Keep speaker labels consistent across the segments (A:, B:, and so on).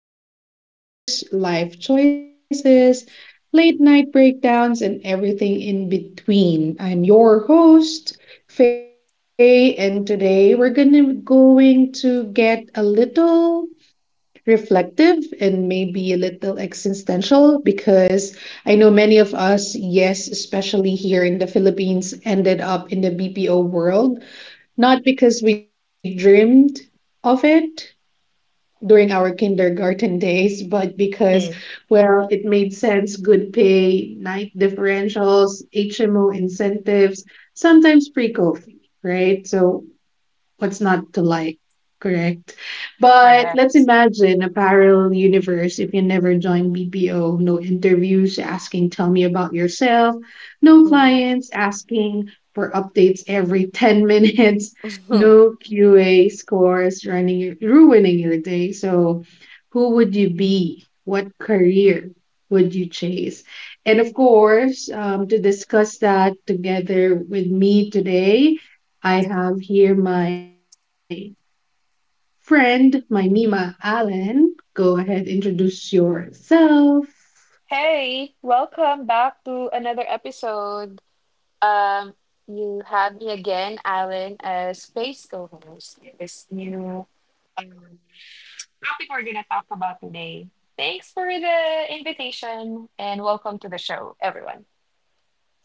A: we talk careers, life choices, late night breakdowns, and everything in between. I'm your host, Faye, and today we're gonna going to get a little reflective and maybe a little existential because I know many of us, yes, especially here in the Philippines, ended up in the BPO world, not because we dreamed of it during our kindergarten days, but because,
B: Mm.
A: well, it made sense, good pay, night differentials, HMO incentives, sometimes pre COVID, right? So what's not to like, correct? But let's
B: Correct.
A: imagine a parallel universe. If you never joined BPO, no interviews asking, tell me about yourself, no
B: Mm.
A: clients asking for updates every 10 minutes, no QA scores running, ruining your day. So, who would you be? What career would you chase? And of course, to discuss that together with me today, I have here my friend, my Nima Allen. Go ahead, introduce yourself.
B: Hey, welcome back to another episode. Um, you have me again, Alan, as space co-host. This new um, topic we're gonna talk about today. Thanks for the invitation and welcome to the show, everyone.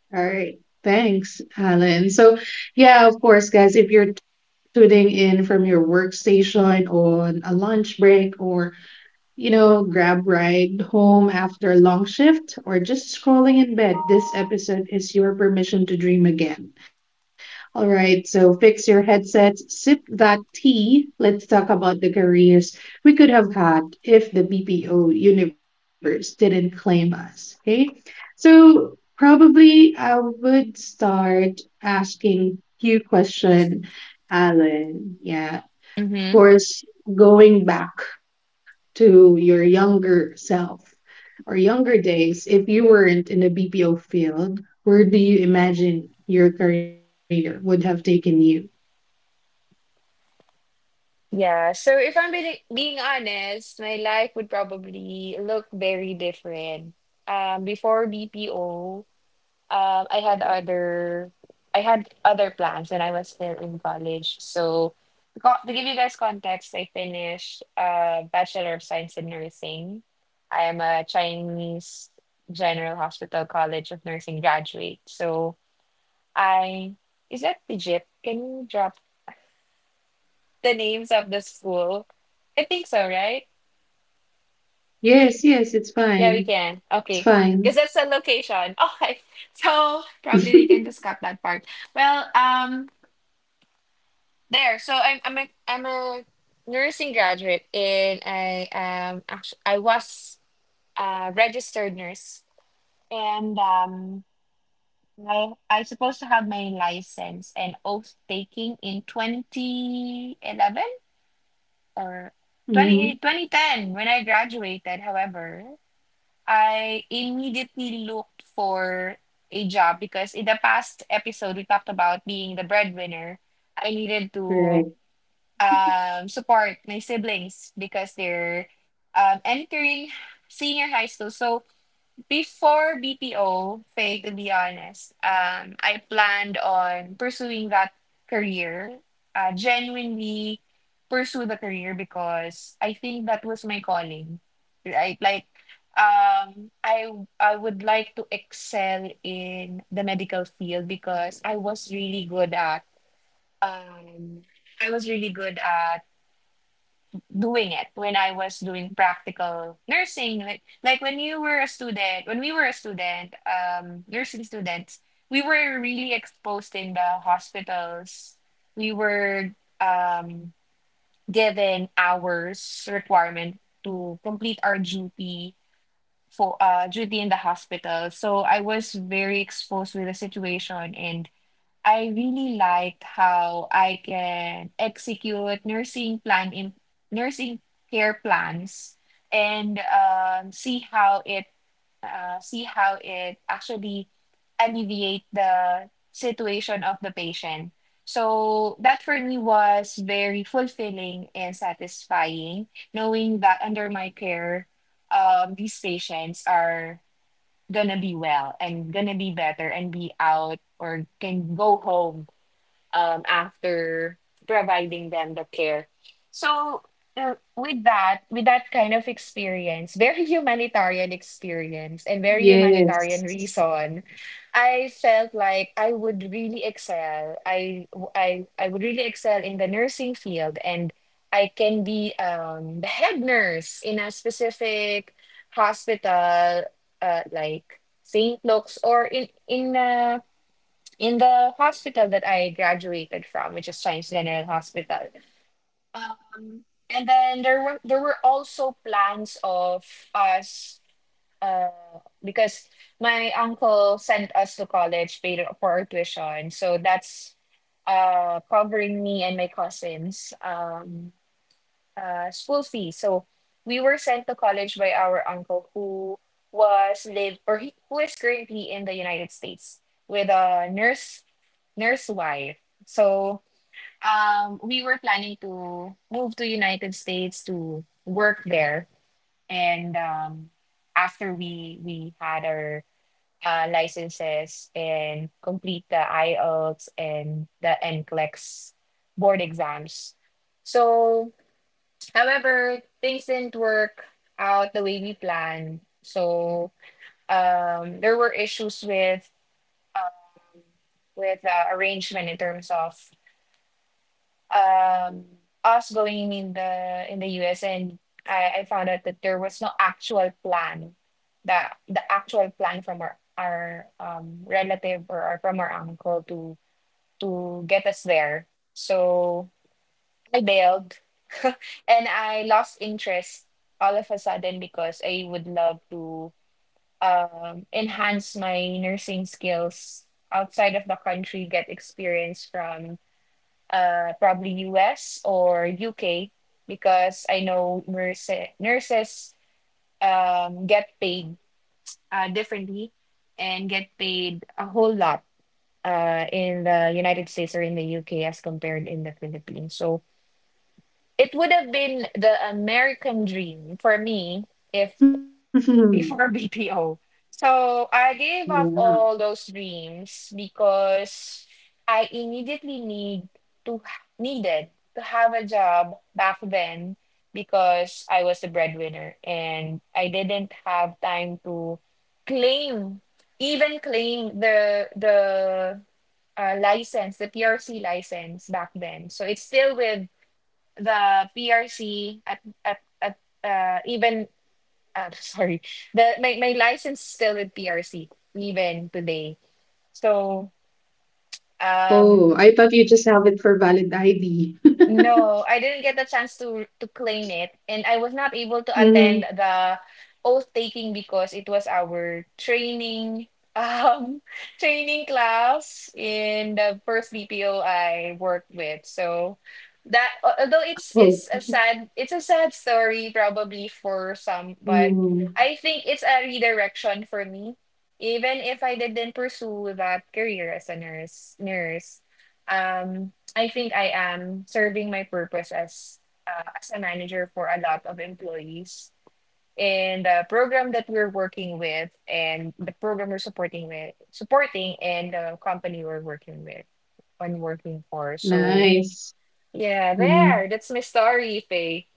A: All right. Thanks, Alan. So, yeah, of course, guys, if you're tuning in from your workstation on a lunch break or grab ride home after a long shift or just scrolling in bed, this episode is your permission to dream again. All right, so fix your headsets, sip that tea. Let's talk about the careers we could have had if the BPO universe didn't claim us. Okay, so probably I would start asking you question, Alan. Yeah,
B: Mm-hmm.
A: course, going back to your younger self or younger days, if you weren't in the BPO field, where do you imagine your career would have taken you?
B: Yeah, so if I'm being honest, my life would probably look very different. Before BPO, I had other plans when I was still in college. So to give you guys context, I finished Bachelor of Science in Nursing. I am a Chinese General Hospital College of Nursing graduate. So I is that legit? Can you drop the names of the school? I think so, right?
A: Yes, yes, it's fine.
B: Yeah, we
A: It's
B: can. Okay.
A: fine.
B: Because that's the location. Okay. So probably we can just cut that part. Well, there, so I'm a nursing graduate, and I actually I was a registered nurse, and I supposed to have my license and oath taking in 2011, or twenty
A: Hmm.
B: twenty ten, when I graduated. However, I immediately looked for a job because in the past episode we talked about being the breadwinner. I needed to
A: Correct.
B: support my siblings because they're entering senior high school. So before BPO, Faye, to be honest, I planned on pursuing that career, genuinely pursue the career because I think that was my calling, right? Like, um, I I would like to excel in the medical field because I was really good at um, I was really good at doing it when I was doing practical nursing. Like when you were a student, when we were a student, nursing students, we were really exposed in the hospitals. We were um given hours requirement to complete our duty for duty in the hospital. So I was very exposed with the situation, and I really liked how I can execute nursing plan in nursing care plans, and see how it actually alleviate the situation of the patient. So that for me was very fulfilling and satisfying, knowing that under my care, these patients are gonna be well and gonna be better and be out or can go home after providing them the care. So with that kind of experience, very humanitarian experience and very humanitarian
A: Yes.
B: reason, I felt like I would really excel. I would really excel in the nursing field, and I can be the head nurse in a specific hospital, like St. Luke's, or in the hospital that I graduated from, which is Science General Hospital. Um, and then there were also plans of us, uh, because my uncle sent us to college, paid for our tuition, so that's covering me and my cousins' school fees. So we were sent to college by our uncle who was live or he, who is currently in the United States with a nurse wife. So we were planning to move to United States to work there, and after we had our licenses and complete the IELTS and the NCLEX board exams. So, however, things didn't work out the way we planned. So there were issues with um, with arrangement in terms of um us going in the US, and I found out that there was no actual plan, the the actual plan from our relative, or from our uncle, to get us there. So I bailed and I lost interest all of a sudden because I would love to enhance my nursing skills outside of the country, get experience from, probably US or UK, because I know nurses get paid, differently, and get paid a whole lot, in the United States or in the UK as compared in the Philippines. So it would have been the American dream for me if
A: Yeah.
B: before BPO. So I gave up all those dreams because I immediately to needed to have a job back then, because I was a breadwinner and I didn't have time to claim even claim the PRC license back then. So it's still with the PRC at even sorry, my license still with PRC even today. So,
A: Oh,
B: um
A: I thought you just have it for valid ID.
B: no, I didn't get a chance to claim it, and I was not able to
A: Mm-hmm.
B: attend the oath taking because it was our training um training class in the first BPO I worked with. So that al- although
A: Oh.
B: it's a sad story probably for some, but I
A: Mm,
B: think it's a redirection for me. Even if I didn't pursue that career as a nurse. I think I am serving my purpose as a manager for a lot of employees. And the program that we're working with, and the program we're supporting with, supporting, and the company we're working with, and working for. So
A: nice.
B: yeah, there. That's my story, Faye.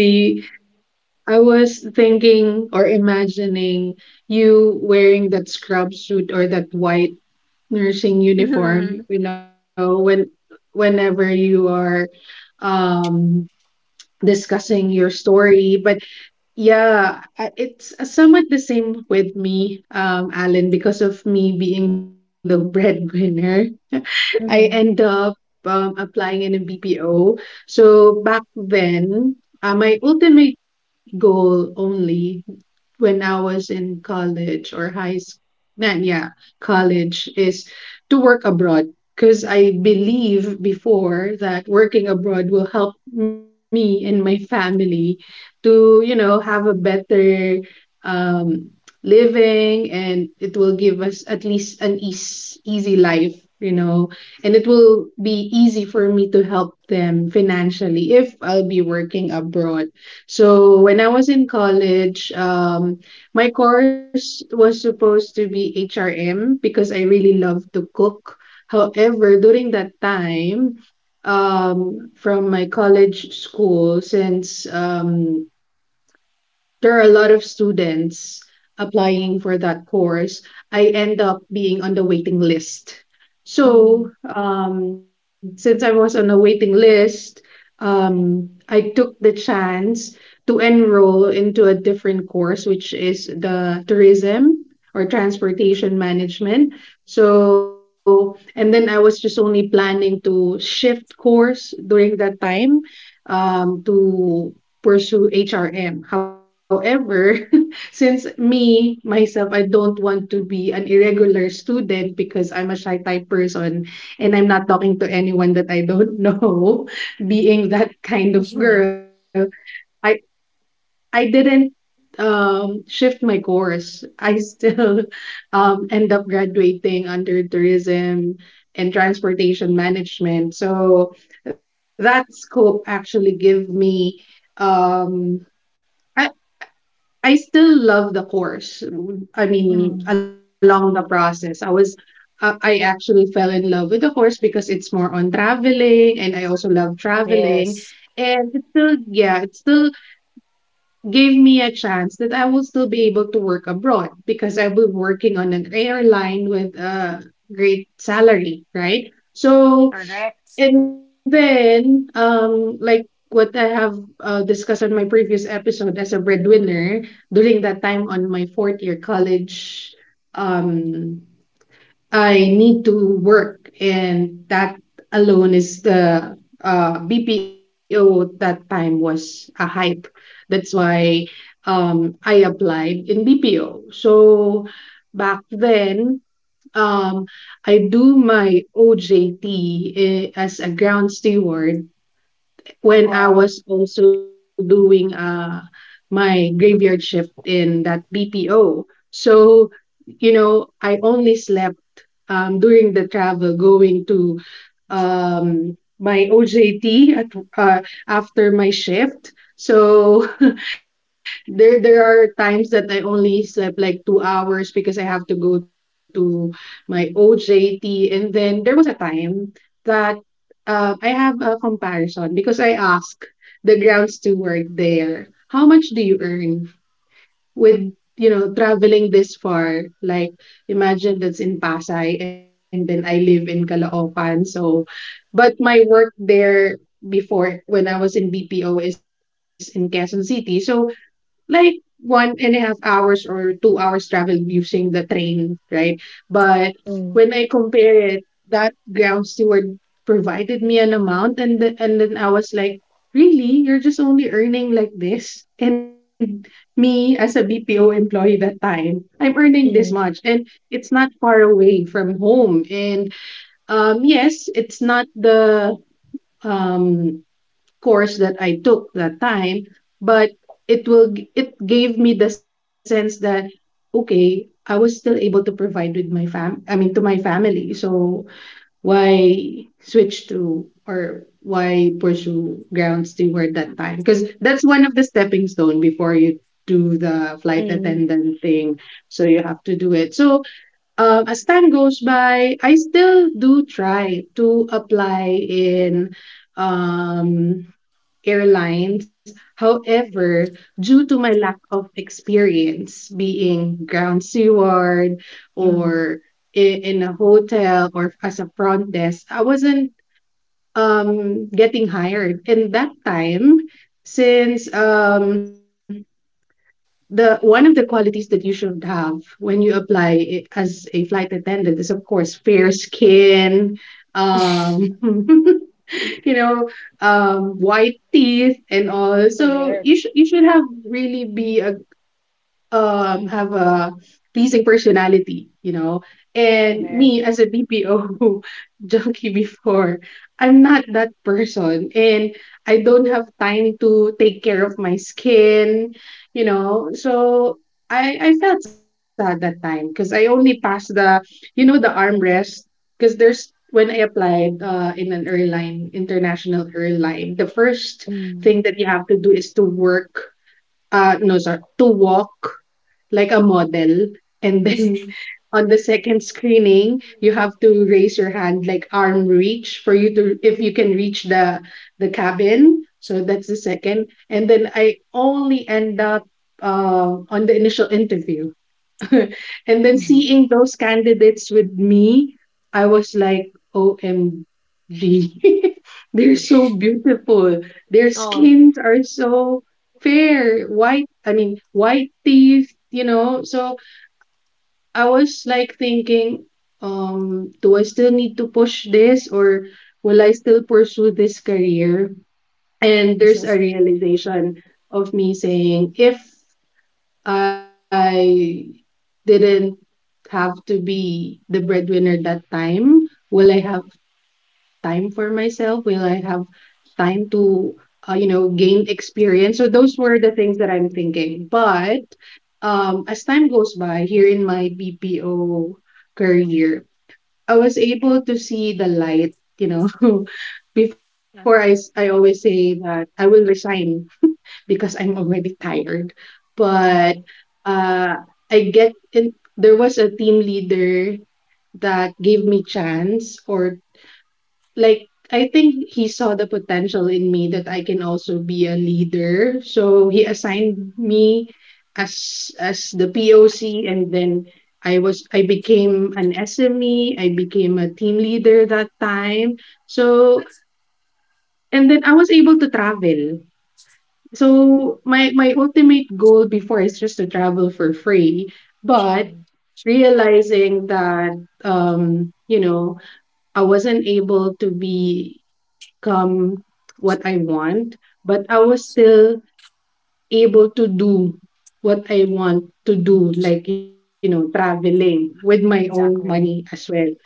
A: Actually, I was thinking or imagining you wearing that scrub suit or that white nursing
B: Mm-hmm.
A: uniform, when whenever you are um discussing your story. But yeah, it's somewhat the same with me, Alan, because of me being the breadwinner. I
B: Mm-hmm.
A: end up applying in a BPO. So back then, my ultimate goal only when I was in college or high school, yeah, college, is to work abroad. Because I believe before that working abroad will help me and my family to have a better um living, and it will give us at least an easy life, and it will be easy for me to help them financially if I'll be working abroad. So when I was in college, my course was supposed to be HRM because I really love to cook. However, during that time, from my college school, since there are a lot of students applying for that course, I end up being on the waiting list.
B: Mm.
A: So, since I was on the waiting list, I took the chance to enroll into a different course, which is the tourism or transportation management. So, and then I was just only planning to shift course during that time, to pursue HRM. However, since me, myself, I don't want to be an irregular student because I'm a shy type person and I'm not talking to anyone that I don't know, being that
B: Mm.
A: kind of girl, I, I didn't shift my course. I still end up graduating under tourism and transportation management. So that scope actually give me um I, I still love the course. I
B: Mm.
A: mean, along the process, I actually fell in love with the course because it's more on traveling, and I also love traveling,
B: Yes.
A: and it still gave me a chance that I will still be able to work abroad because I was working on an airline with a great salary, right? So,
B: Correct.
A: and then, like what I have discussed on my previous episode as a breadwinner, during that time on my fourth year college, um, I need to work, and that alone is the BPO at that time was a hype. That's why I applied in BPO. So back then, Um, I do my OJT as a ground steward when I
B: Wow.
A: was also doing my graveyard shift in that BPO. So, I only slept during the travel going to my OJT at after my shift. So there are times that I only slept like 2 hours because I have to go to my OJT, and then there was a time that, I have a comparison because I asked the ground steward there, how much do you earn with, traveling this far? Like imagine, that's in Pasay and then I live in Caloocan, so, but my work there before when I was in BPO is in Quezon City. So, like 1.5 hours or 2 hours travel using the train, right? But when
B: Mm.
A: I compare it, that ground steward provided me an amount, and and then I was like, really? You're just only earning like this? And me as a BPO employee that time, I'm earning this much.
B: Mm.
A: And it's not far away from home. And yes, it's not the um, course that I took that time, but it gave me the sense that, okay, I was still able to provide with my fam I mean, to my family. So why switch to or why pursue ground steward that time? Because that's one of the stepping stone before you do the flight
B: Mm.
A: attendant thing. So you have to do it. So, as time goes by, I still do try to apply in, um, airlines. However, due to my lack of experience being ground steward
B: Mm.
A: or in a hotel or as a front desk, I wasn't getting hired. And that time, since the one of the qualities that you should have when you apply as a flight attendant is, of course, fair skin, um you know white teeth and all, so
B: Correct.
A: you should have really be a have a pleasing personality, and me
B: Correct.
A: as a BPO junkie before, I'm not that person, and I don't have time to take care of my skin. So I felt sad that time because I only passed the you know the armrest, because there's when I applied, in an airline international airline, the first
B: Mm.
A: thing that you have to do is to work. No, sir. To walk like a model. And then on the second screening, you have to raise your hand like arm reach for you to, if you can reach the cabin. So that's the second. And then I only end up, on the initial interview. And then seeing those candidates with me, I was like, OMG. They're so beautiful. Their
B: Oh.
A: skins are so fair, white, I mean, white teeth. So I was like thinking, do I still need to push this, or will I still pursue this career? And there's a realization of me saying, if I didn't have to be the breadwinner that time? Will I have time for myself? Will I have time to gain experience? So those were the things that I'm thinking. But, as time goes by here in my BPO career, I was able to see the light. Before I, s-
B: Yeah.
A: I always say that I will resign because I'm already tired. But
B: Mm.
A: uh, I get in, there was a team leader that gave me chance, or like I think he saw the potential in me that I can also be a leader. So he assigned me as the POC, and then I became an SME, I became a team leader that time. So and then I was able to travel. So my ultimate goal before is just to travel for free, but
B: Mhm.
A: realizing that um you know I wasn't able to be come what I want, but I was still able to do what I want to do, like, traveling with my own money
B: Exactly.
A: as well.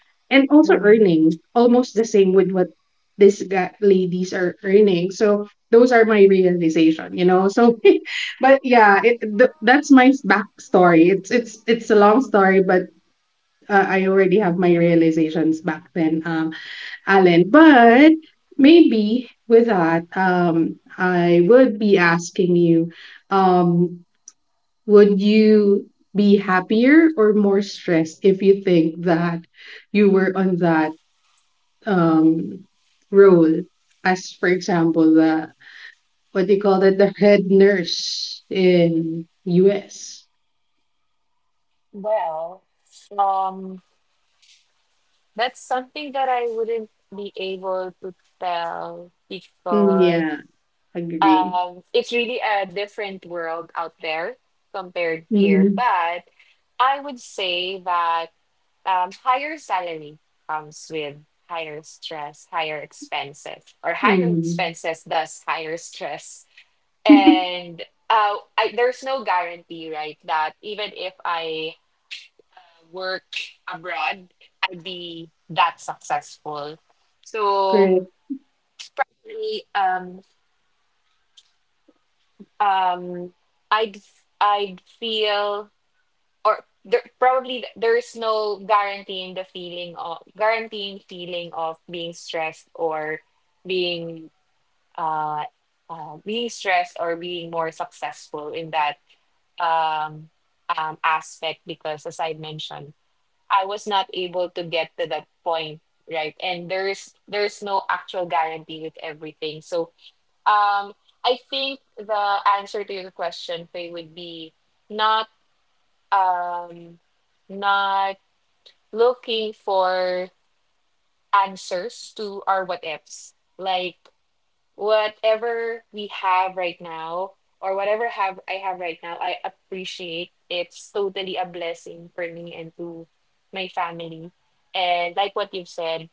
A: And also
B: Mm.
A: earning almost the same with what these ladies are earning. So those are my realization. So, but yeah, that's my backstory. It's a long story, but I already have my realizations back then. Alan, but maybe with that, I would be asking you, um, would you be happier or more stressed if you think that you were on that um, role? As for example, the what do you call it, the head nurse in US.
B: Well, um, that's something that I wouldn't be able to tell
A: Mm,
B: because
A: yeah, agree.
B: it's really a different world out there compared here.
A: Mm-hmm.
B: But I would say that higher salary comes with higher stress, higher expenses, or higher expenses thus higher stress.
A: Mm-hmm.
B: And there's no guarantee, right, that even if I work abroad, I'd be that successful. So really, um, I'd I'd feel, or there, probably there's no guaranteeing the feeling of guaranteeing feeling of being stressed or being uh, being stressed, or being more successful in that, um, aspect, because as I mentioned, I was not able to get to that point, right? And there's no actual guarantee with everything. So, um, I think the answer to your question, Faye, would be not um, not looking for answers to our what ifs. Like whatever we have right now, or whatever have I have right now, I appreciate it's totally a blessing for me and to my family. And like what you've said,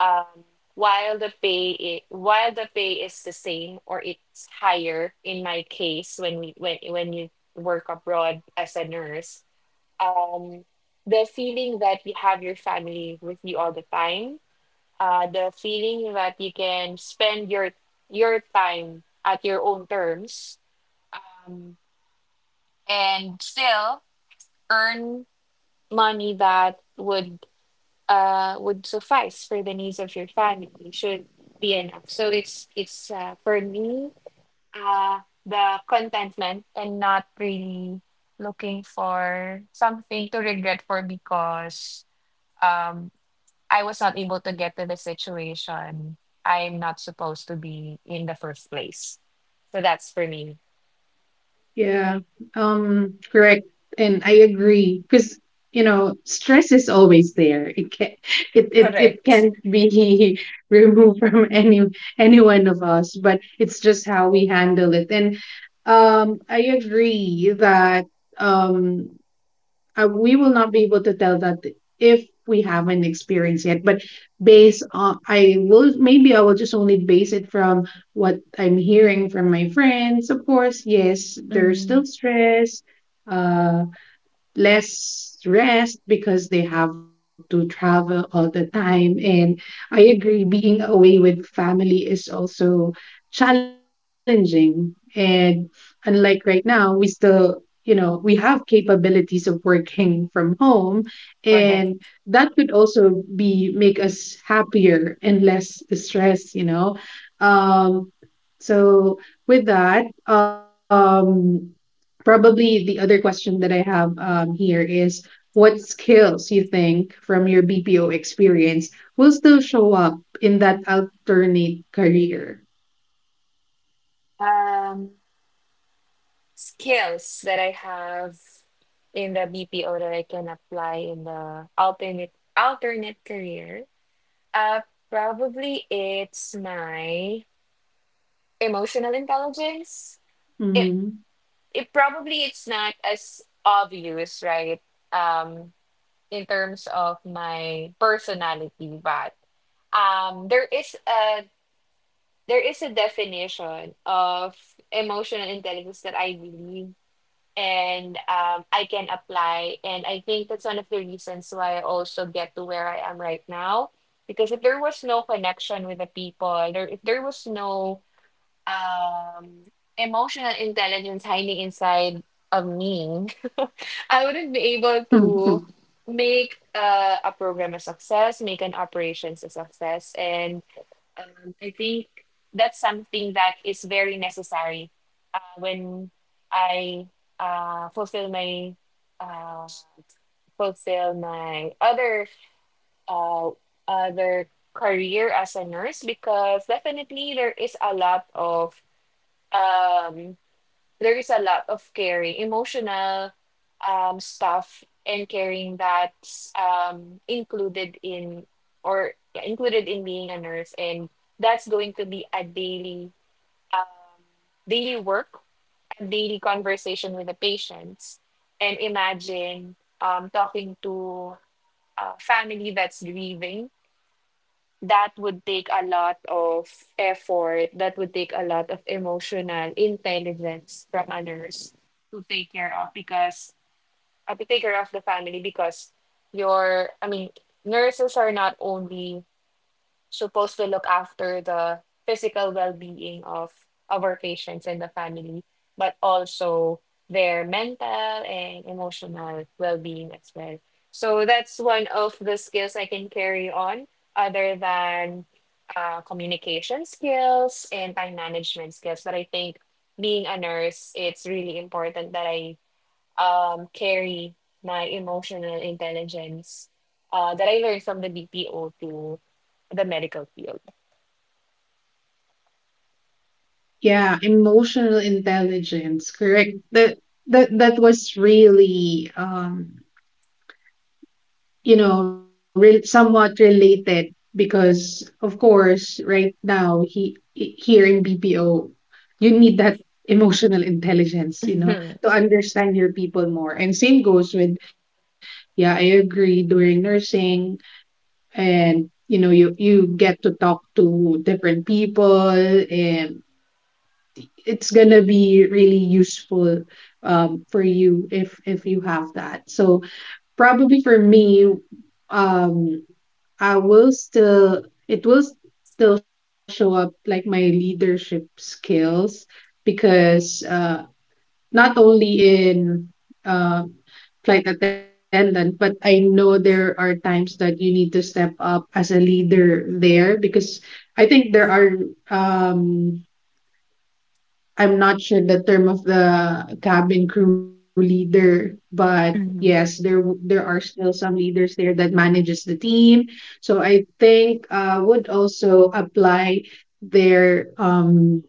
B: um, while the pay is the same, or it's higher in my case, when we when you work abroad as a nurse, um, the feeling that you have your family with you all the time, the feeling that you can spend your time at your own terms, um, and still earn money that would suffice for the needs of your family should be enough. So, it's for me, uh, the contentment, and not really looking for something to regret for, because um. I was not able to get to the situation I'm not supposed to be in the first place. So that's for me.
A: Yeah, correct, and I agree because stress is always there. It can it
B: Correct.
A: can't be removed from any one of us, but it's just how we handle it. And I agree that um we will not be able to tell that if we haven't experienced yet, but based on I will just only base it from what I'm hearing from my friends. Of course, yes, there's
B: Mm.
A: still stress, uh less rest, because they have to travel all the time. And I agree, being away with family is also challenging. And unlike right now, we still, you know, we have capabilities of working from home, and
B: Correct.
A: that could also be make us happier and less stressed, you know. Um, so with that, probably the other question that I have here is what skills you think from your BPO experience will still show up in that alternate career?
B: Um, Skills that I have in the BPO that I can apply in the alternate career. Uh, Probably it's my emotional intelligence. It
A: Mm.
B: it probably it's not as obvious, right? Um, in terms of my personality. But um, there is a there is a definition of emotional intelligence that I believe, and I can apply, and I think that's one of the reasons why I also get to where I am right now. Because if there was no connection with the people, there if there was no um, emotional intelligence hiding inside of me, I wouldn't be able to make, a program a success, make an operations a success, and, I think that's something that is very necessary, when I uh, fulfill my uh, fulfill my other uh, other career as a nurse, because definitely um there is a lot of caring, emotional, stuff and caring that's, included in being a nurse, and that's going to be a daily, um, daily work, a daily conversation with the patients, and imagine, talking to a family that's grieving, that would take a lot of effort, that would take a lot of emotional intelligence from others to take care of, because, to take care of the family, because your I mean, nurses are not only supposed to look after the physical well-being of our patients and the family, but also their mental and emotional well-being as well. So that's one of the skills I can carry on, other than, communication skills and time management skills. But I think being a nurse, it's really important that I, carry my emotional intelligence, that I learned from the BPO to the medical field.
A: Yeah, emotional intelligence, correct. That was really you know, somewhat related because, of course, right now, here in BPO, you need that emotional intelligence, you know, to understand your people more. And same goes with, yeah, I agree, during nursing. And you know, you get to talk to different people, and it's gonna be really useful for you if you have that. So probably for me, um I will still it will still show up like my leadership skills, because not only in uh, flight attendant, but I know there are times that you need to step up as a leader there. Because I think there are um I'm not sure the term of the cabin crew leader, but yes,
B: Hmm.
A: there are still some leaders there that manages the team. So I think would also apply their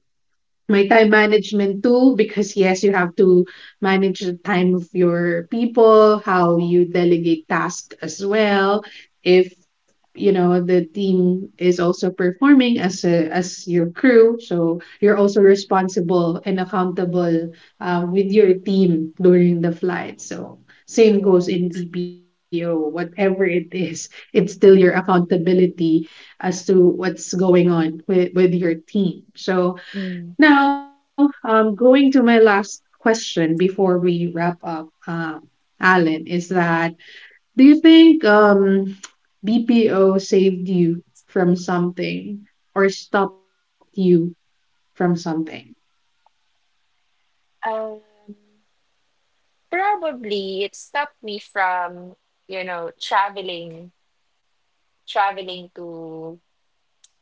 A: my time management too, because yes, you have to manage the time of your people, how you delegate tasks as well. If you know the team is also performing as a, as your crew, so you're also responsible and accountable, with your team during the flight. So same
B: Correct.
A: goes in PPO, whatever it is, it's still your accountability as to what's going on with your team. So
B: Mm.
A: now, going to my last question before we wrap up, Alan, is that do you think BPO saved you from something or stopped you from something?
B: Um, Probably it stopped me from, you know, traveling, traveling to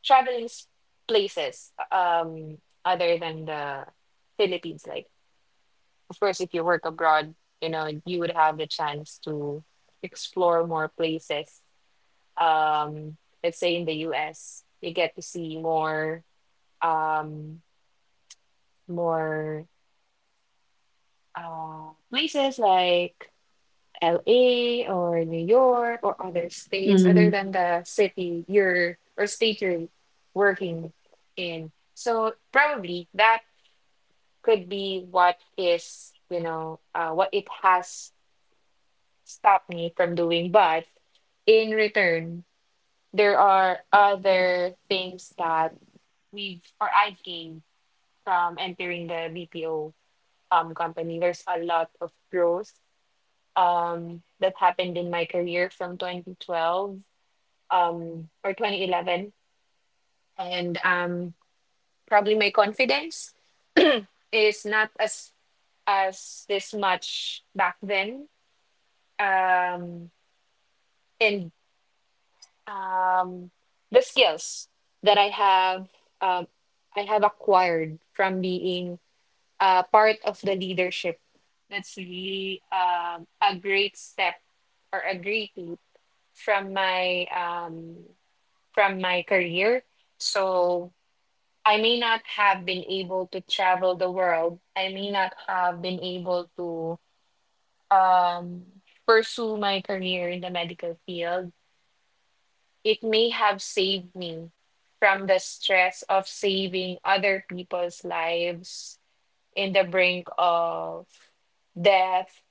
B: traveling s- places, other than the Philippines. Like, of course, if you work abroad, you would have the chance to explore more places, um let's say in the US you get to see um more places like LA or New York or other states, other
A: Mm,
B: than the city you're, or state you're working in. So probably that could be what is you know what it has stopped me from doing, but in return, there are other things that we have, or I've gained from entering the BPO, company. There's a lot of growth that happened in my career from 2012, or 2011, and, probably my confidence is not as this much back then, um and um the skills that um I have acquired from being, part of the leadership. That's really, a great step, or a great leap from my career. So I may not have been able to travel the world. I may not have been able to, um, pursue my career in the medical field. It may have saved me from the stress of saving other people's lives, in the brink of death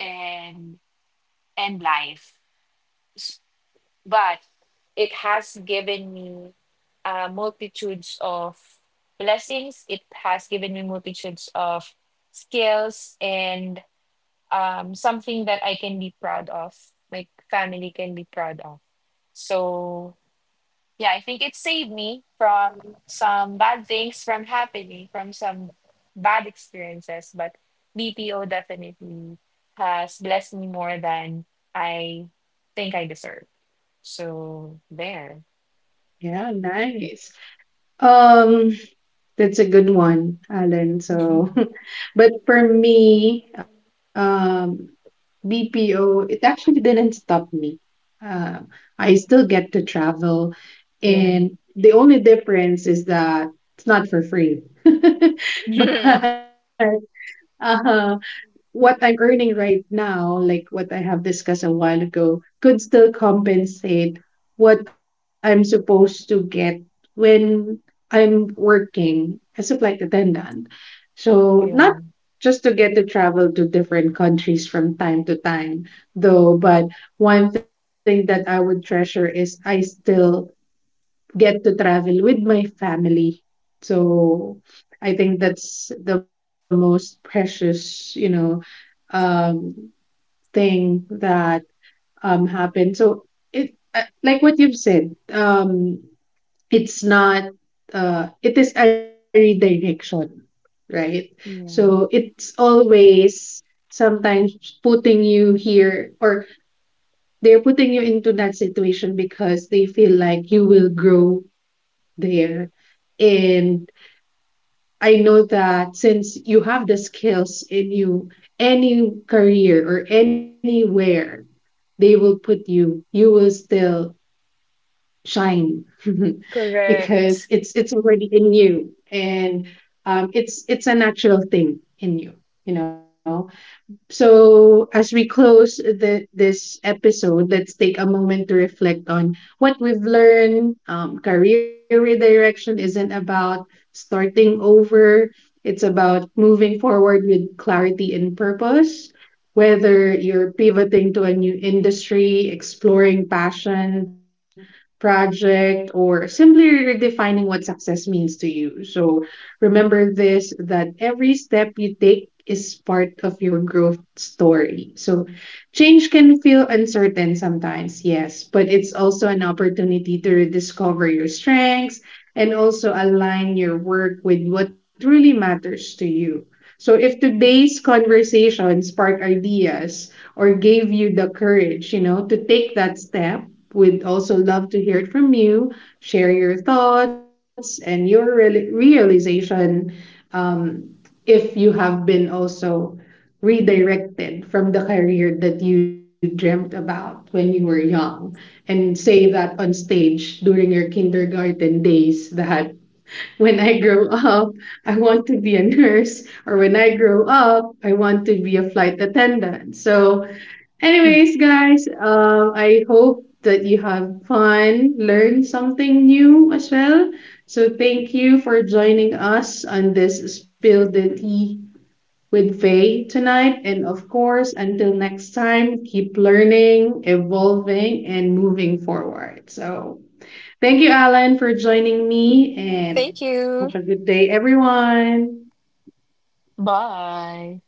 B: and and life, S- but it has given me, multitudes of blessings, it has given me multitudes of skills, and, something that I can be proud of, my family can be proud of. So yeah, I think it saved me from some bad things from happening, from some bad experiences. But BPO definitely has blessed me more than I think I deserve. So there.
A: yeah, nice. Um, That's a good one, Alan. So, but for me, BPO, it actually didn't stop me. Uh, I still get to travel,
B: Yeah.
A: and the only difference is that it's not for free. But uh, what I'm earning right now, like what I have discussed a while ago, could still compensate what I'm supposed to get when I'm working as a flight attendant. So, not
B: Yeah.
A: just to get to travel to different countries from time to time, though, but one thing that I would treasure is I still get to travel with my family. So I think that's the most precious, you know, um, thing that happened. So it like what you've said, it's not. It is a redirection, right?
B: Yeah.
A: So it's always sometimes putting you here, or they're putting you into that situation because they feel like you will grow there. And I know that since you have the skills in you, any career or anywhere they will put you, you will still shine
B: Correct.
A: because it's already in you, and it's a natural thing in you, you know. So as we close this episode, let's take a moment to reflect on what we've learned. Career redirection isn't about starting over, it's about moving forward with clarity and purpose. Whether you're pivoting to a new industry, exploring passion, project, or simply redefining what success means to you. So remember this, that every step you take is part of your growth story. So change can feel uncertain sometimes, yes, but it's also an opportunity to rediscover your strengths and also align your work with what truly matters to you. So if today's conversation sparked ideas or gave you the courage, you know, to take that step, we'd also love to hear it from you. Share your thoughts and your realization. Um if you have been also redirected from the career that you dreamt about when you were young, and say that on stage during your kindergarten days that when I grow up, I want to be a nurse, or when I grow up, I want to be a flight attendant. So, anyways, guys, I hope that you have fun, learn something new as well. So, thank you for joining us on this Spill the Tea with Faye tonight. And of course, until next time, keep learning, evolving, and moving forward. So thank you, Alan, for joining me, and
B: Thank
A: have
B: you.
A: a good day, everyone.
B: Bye.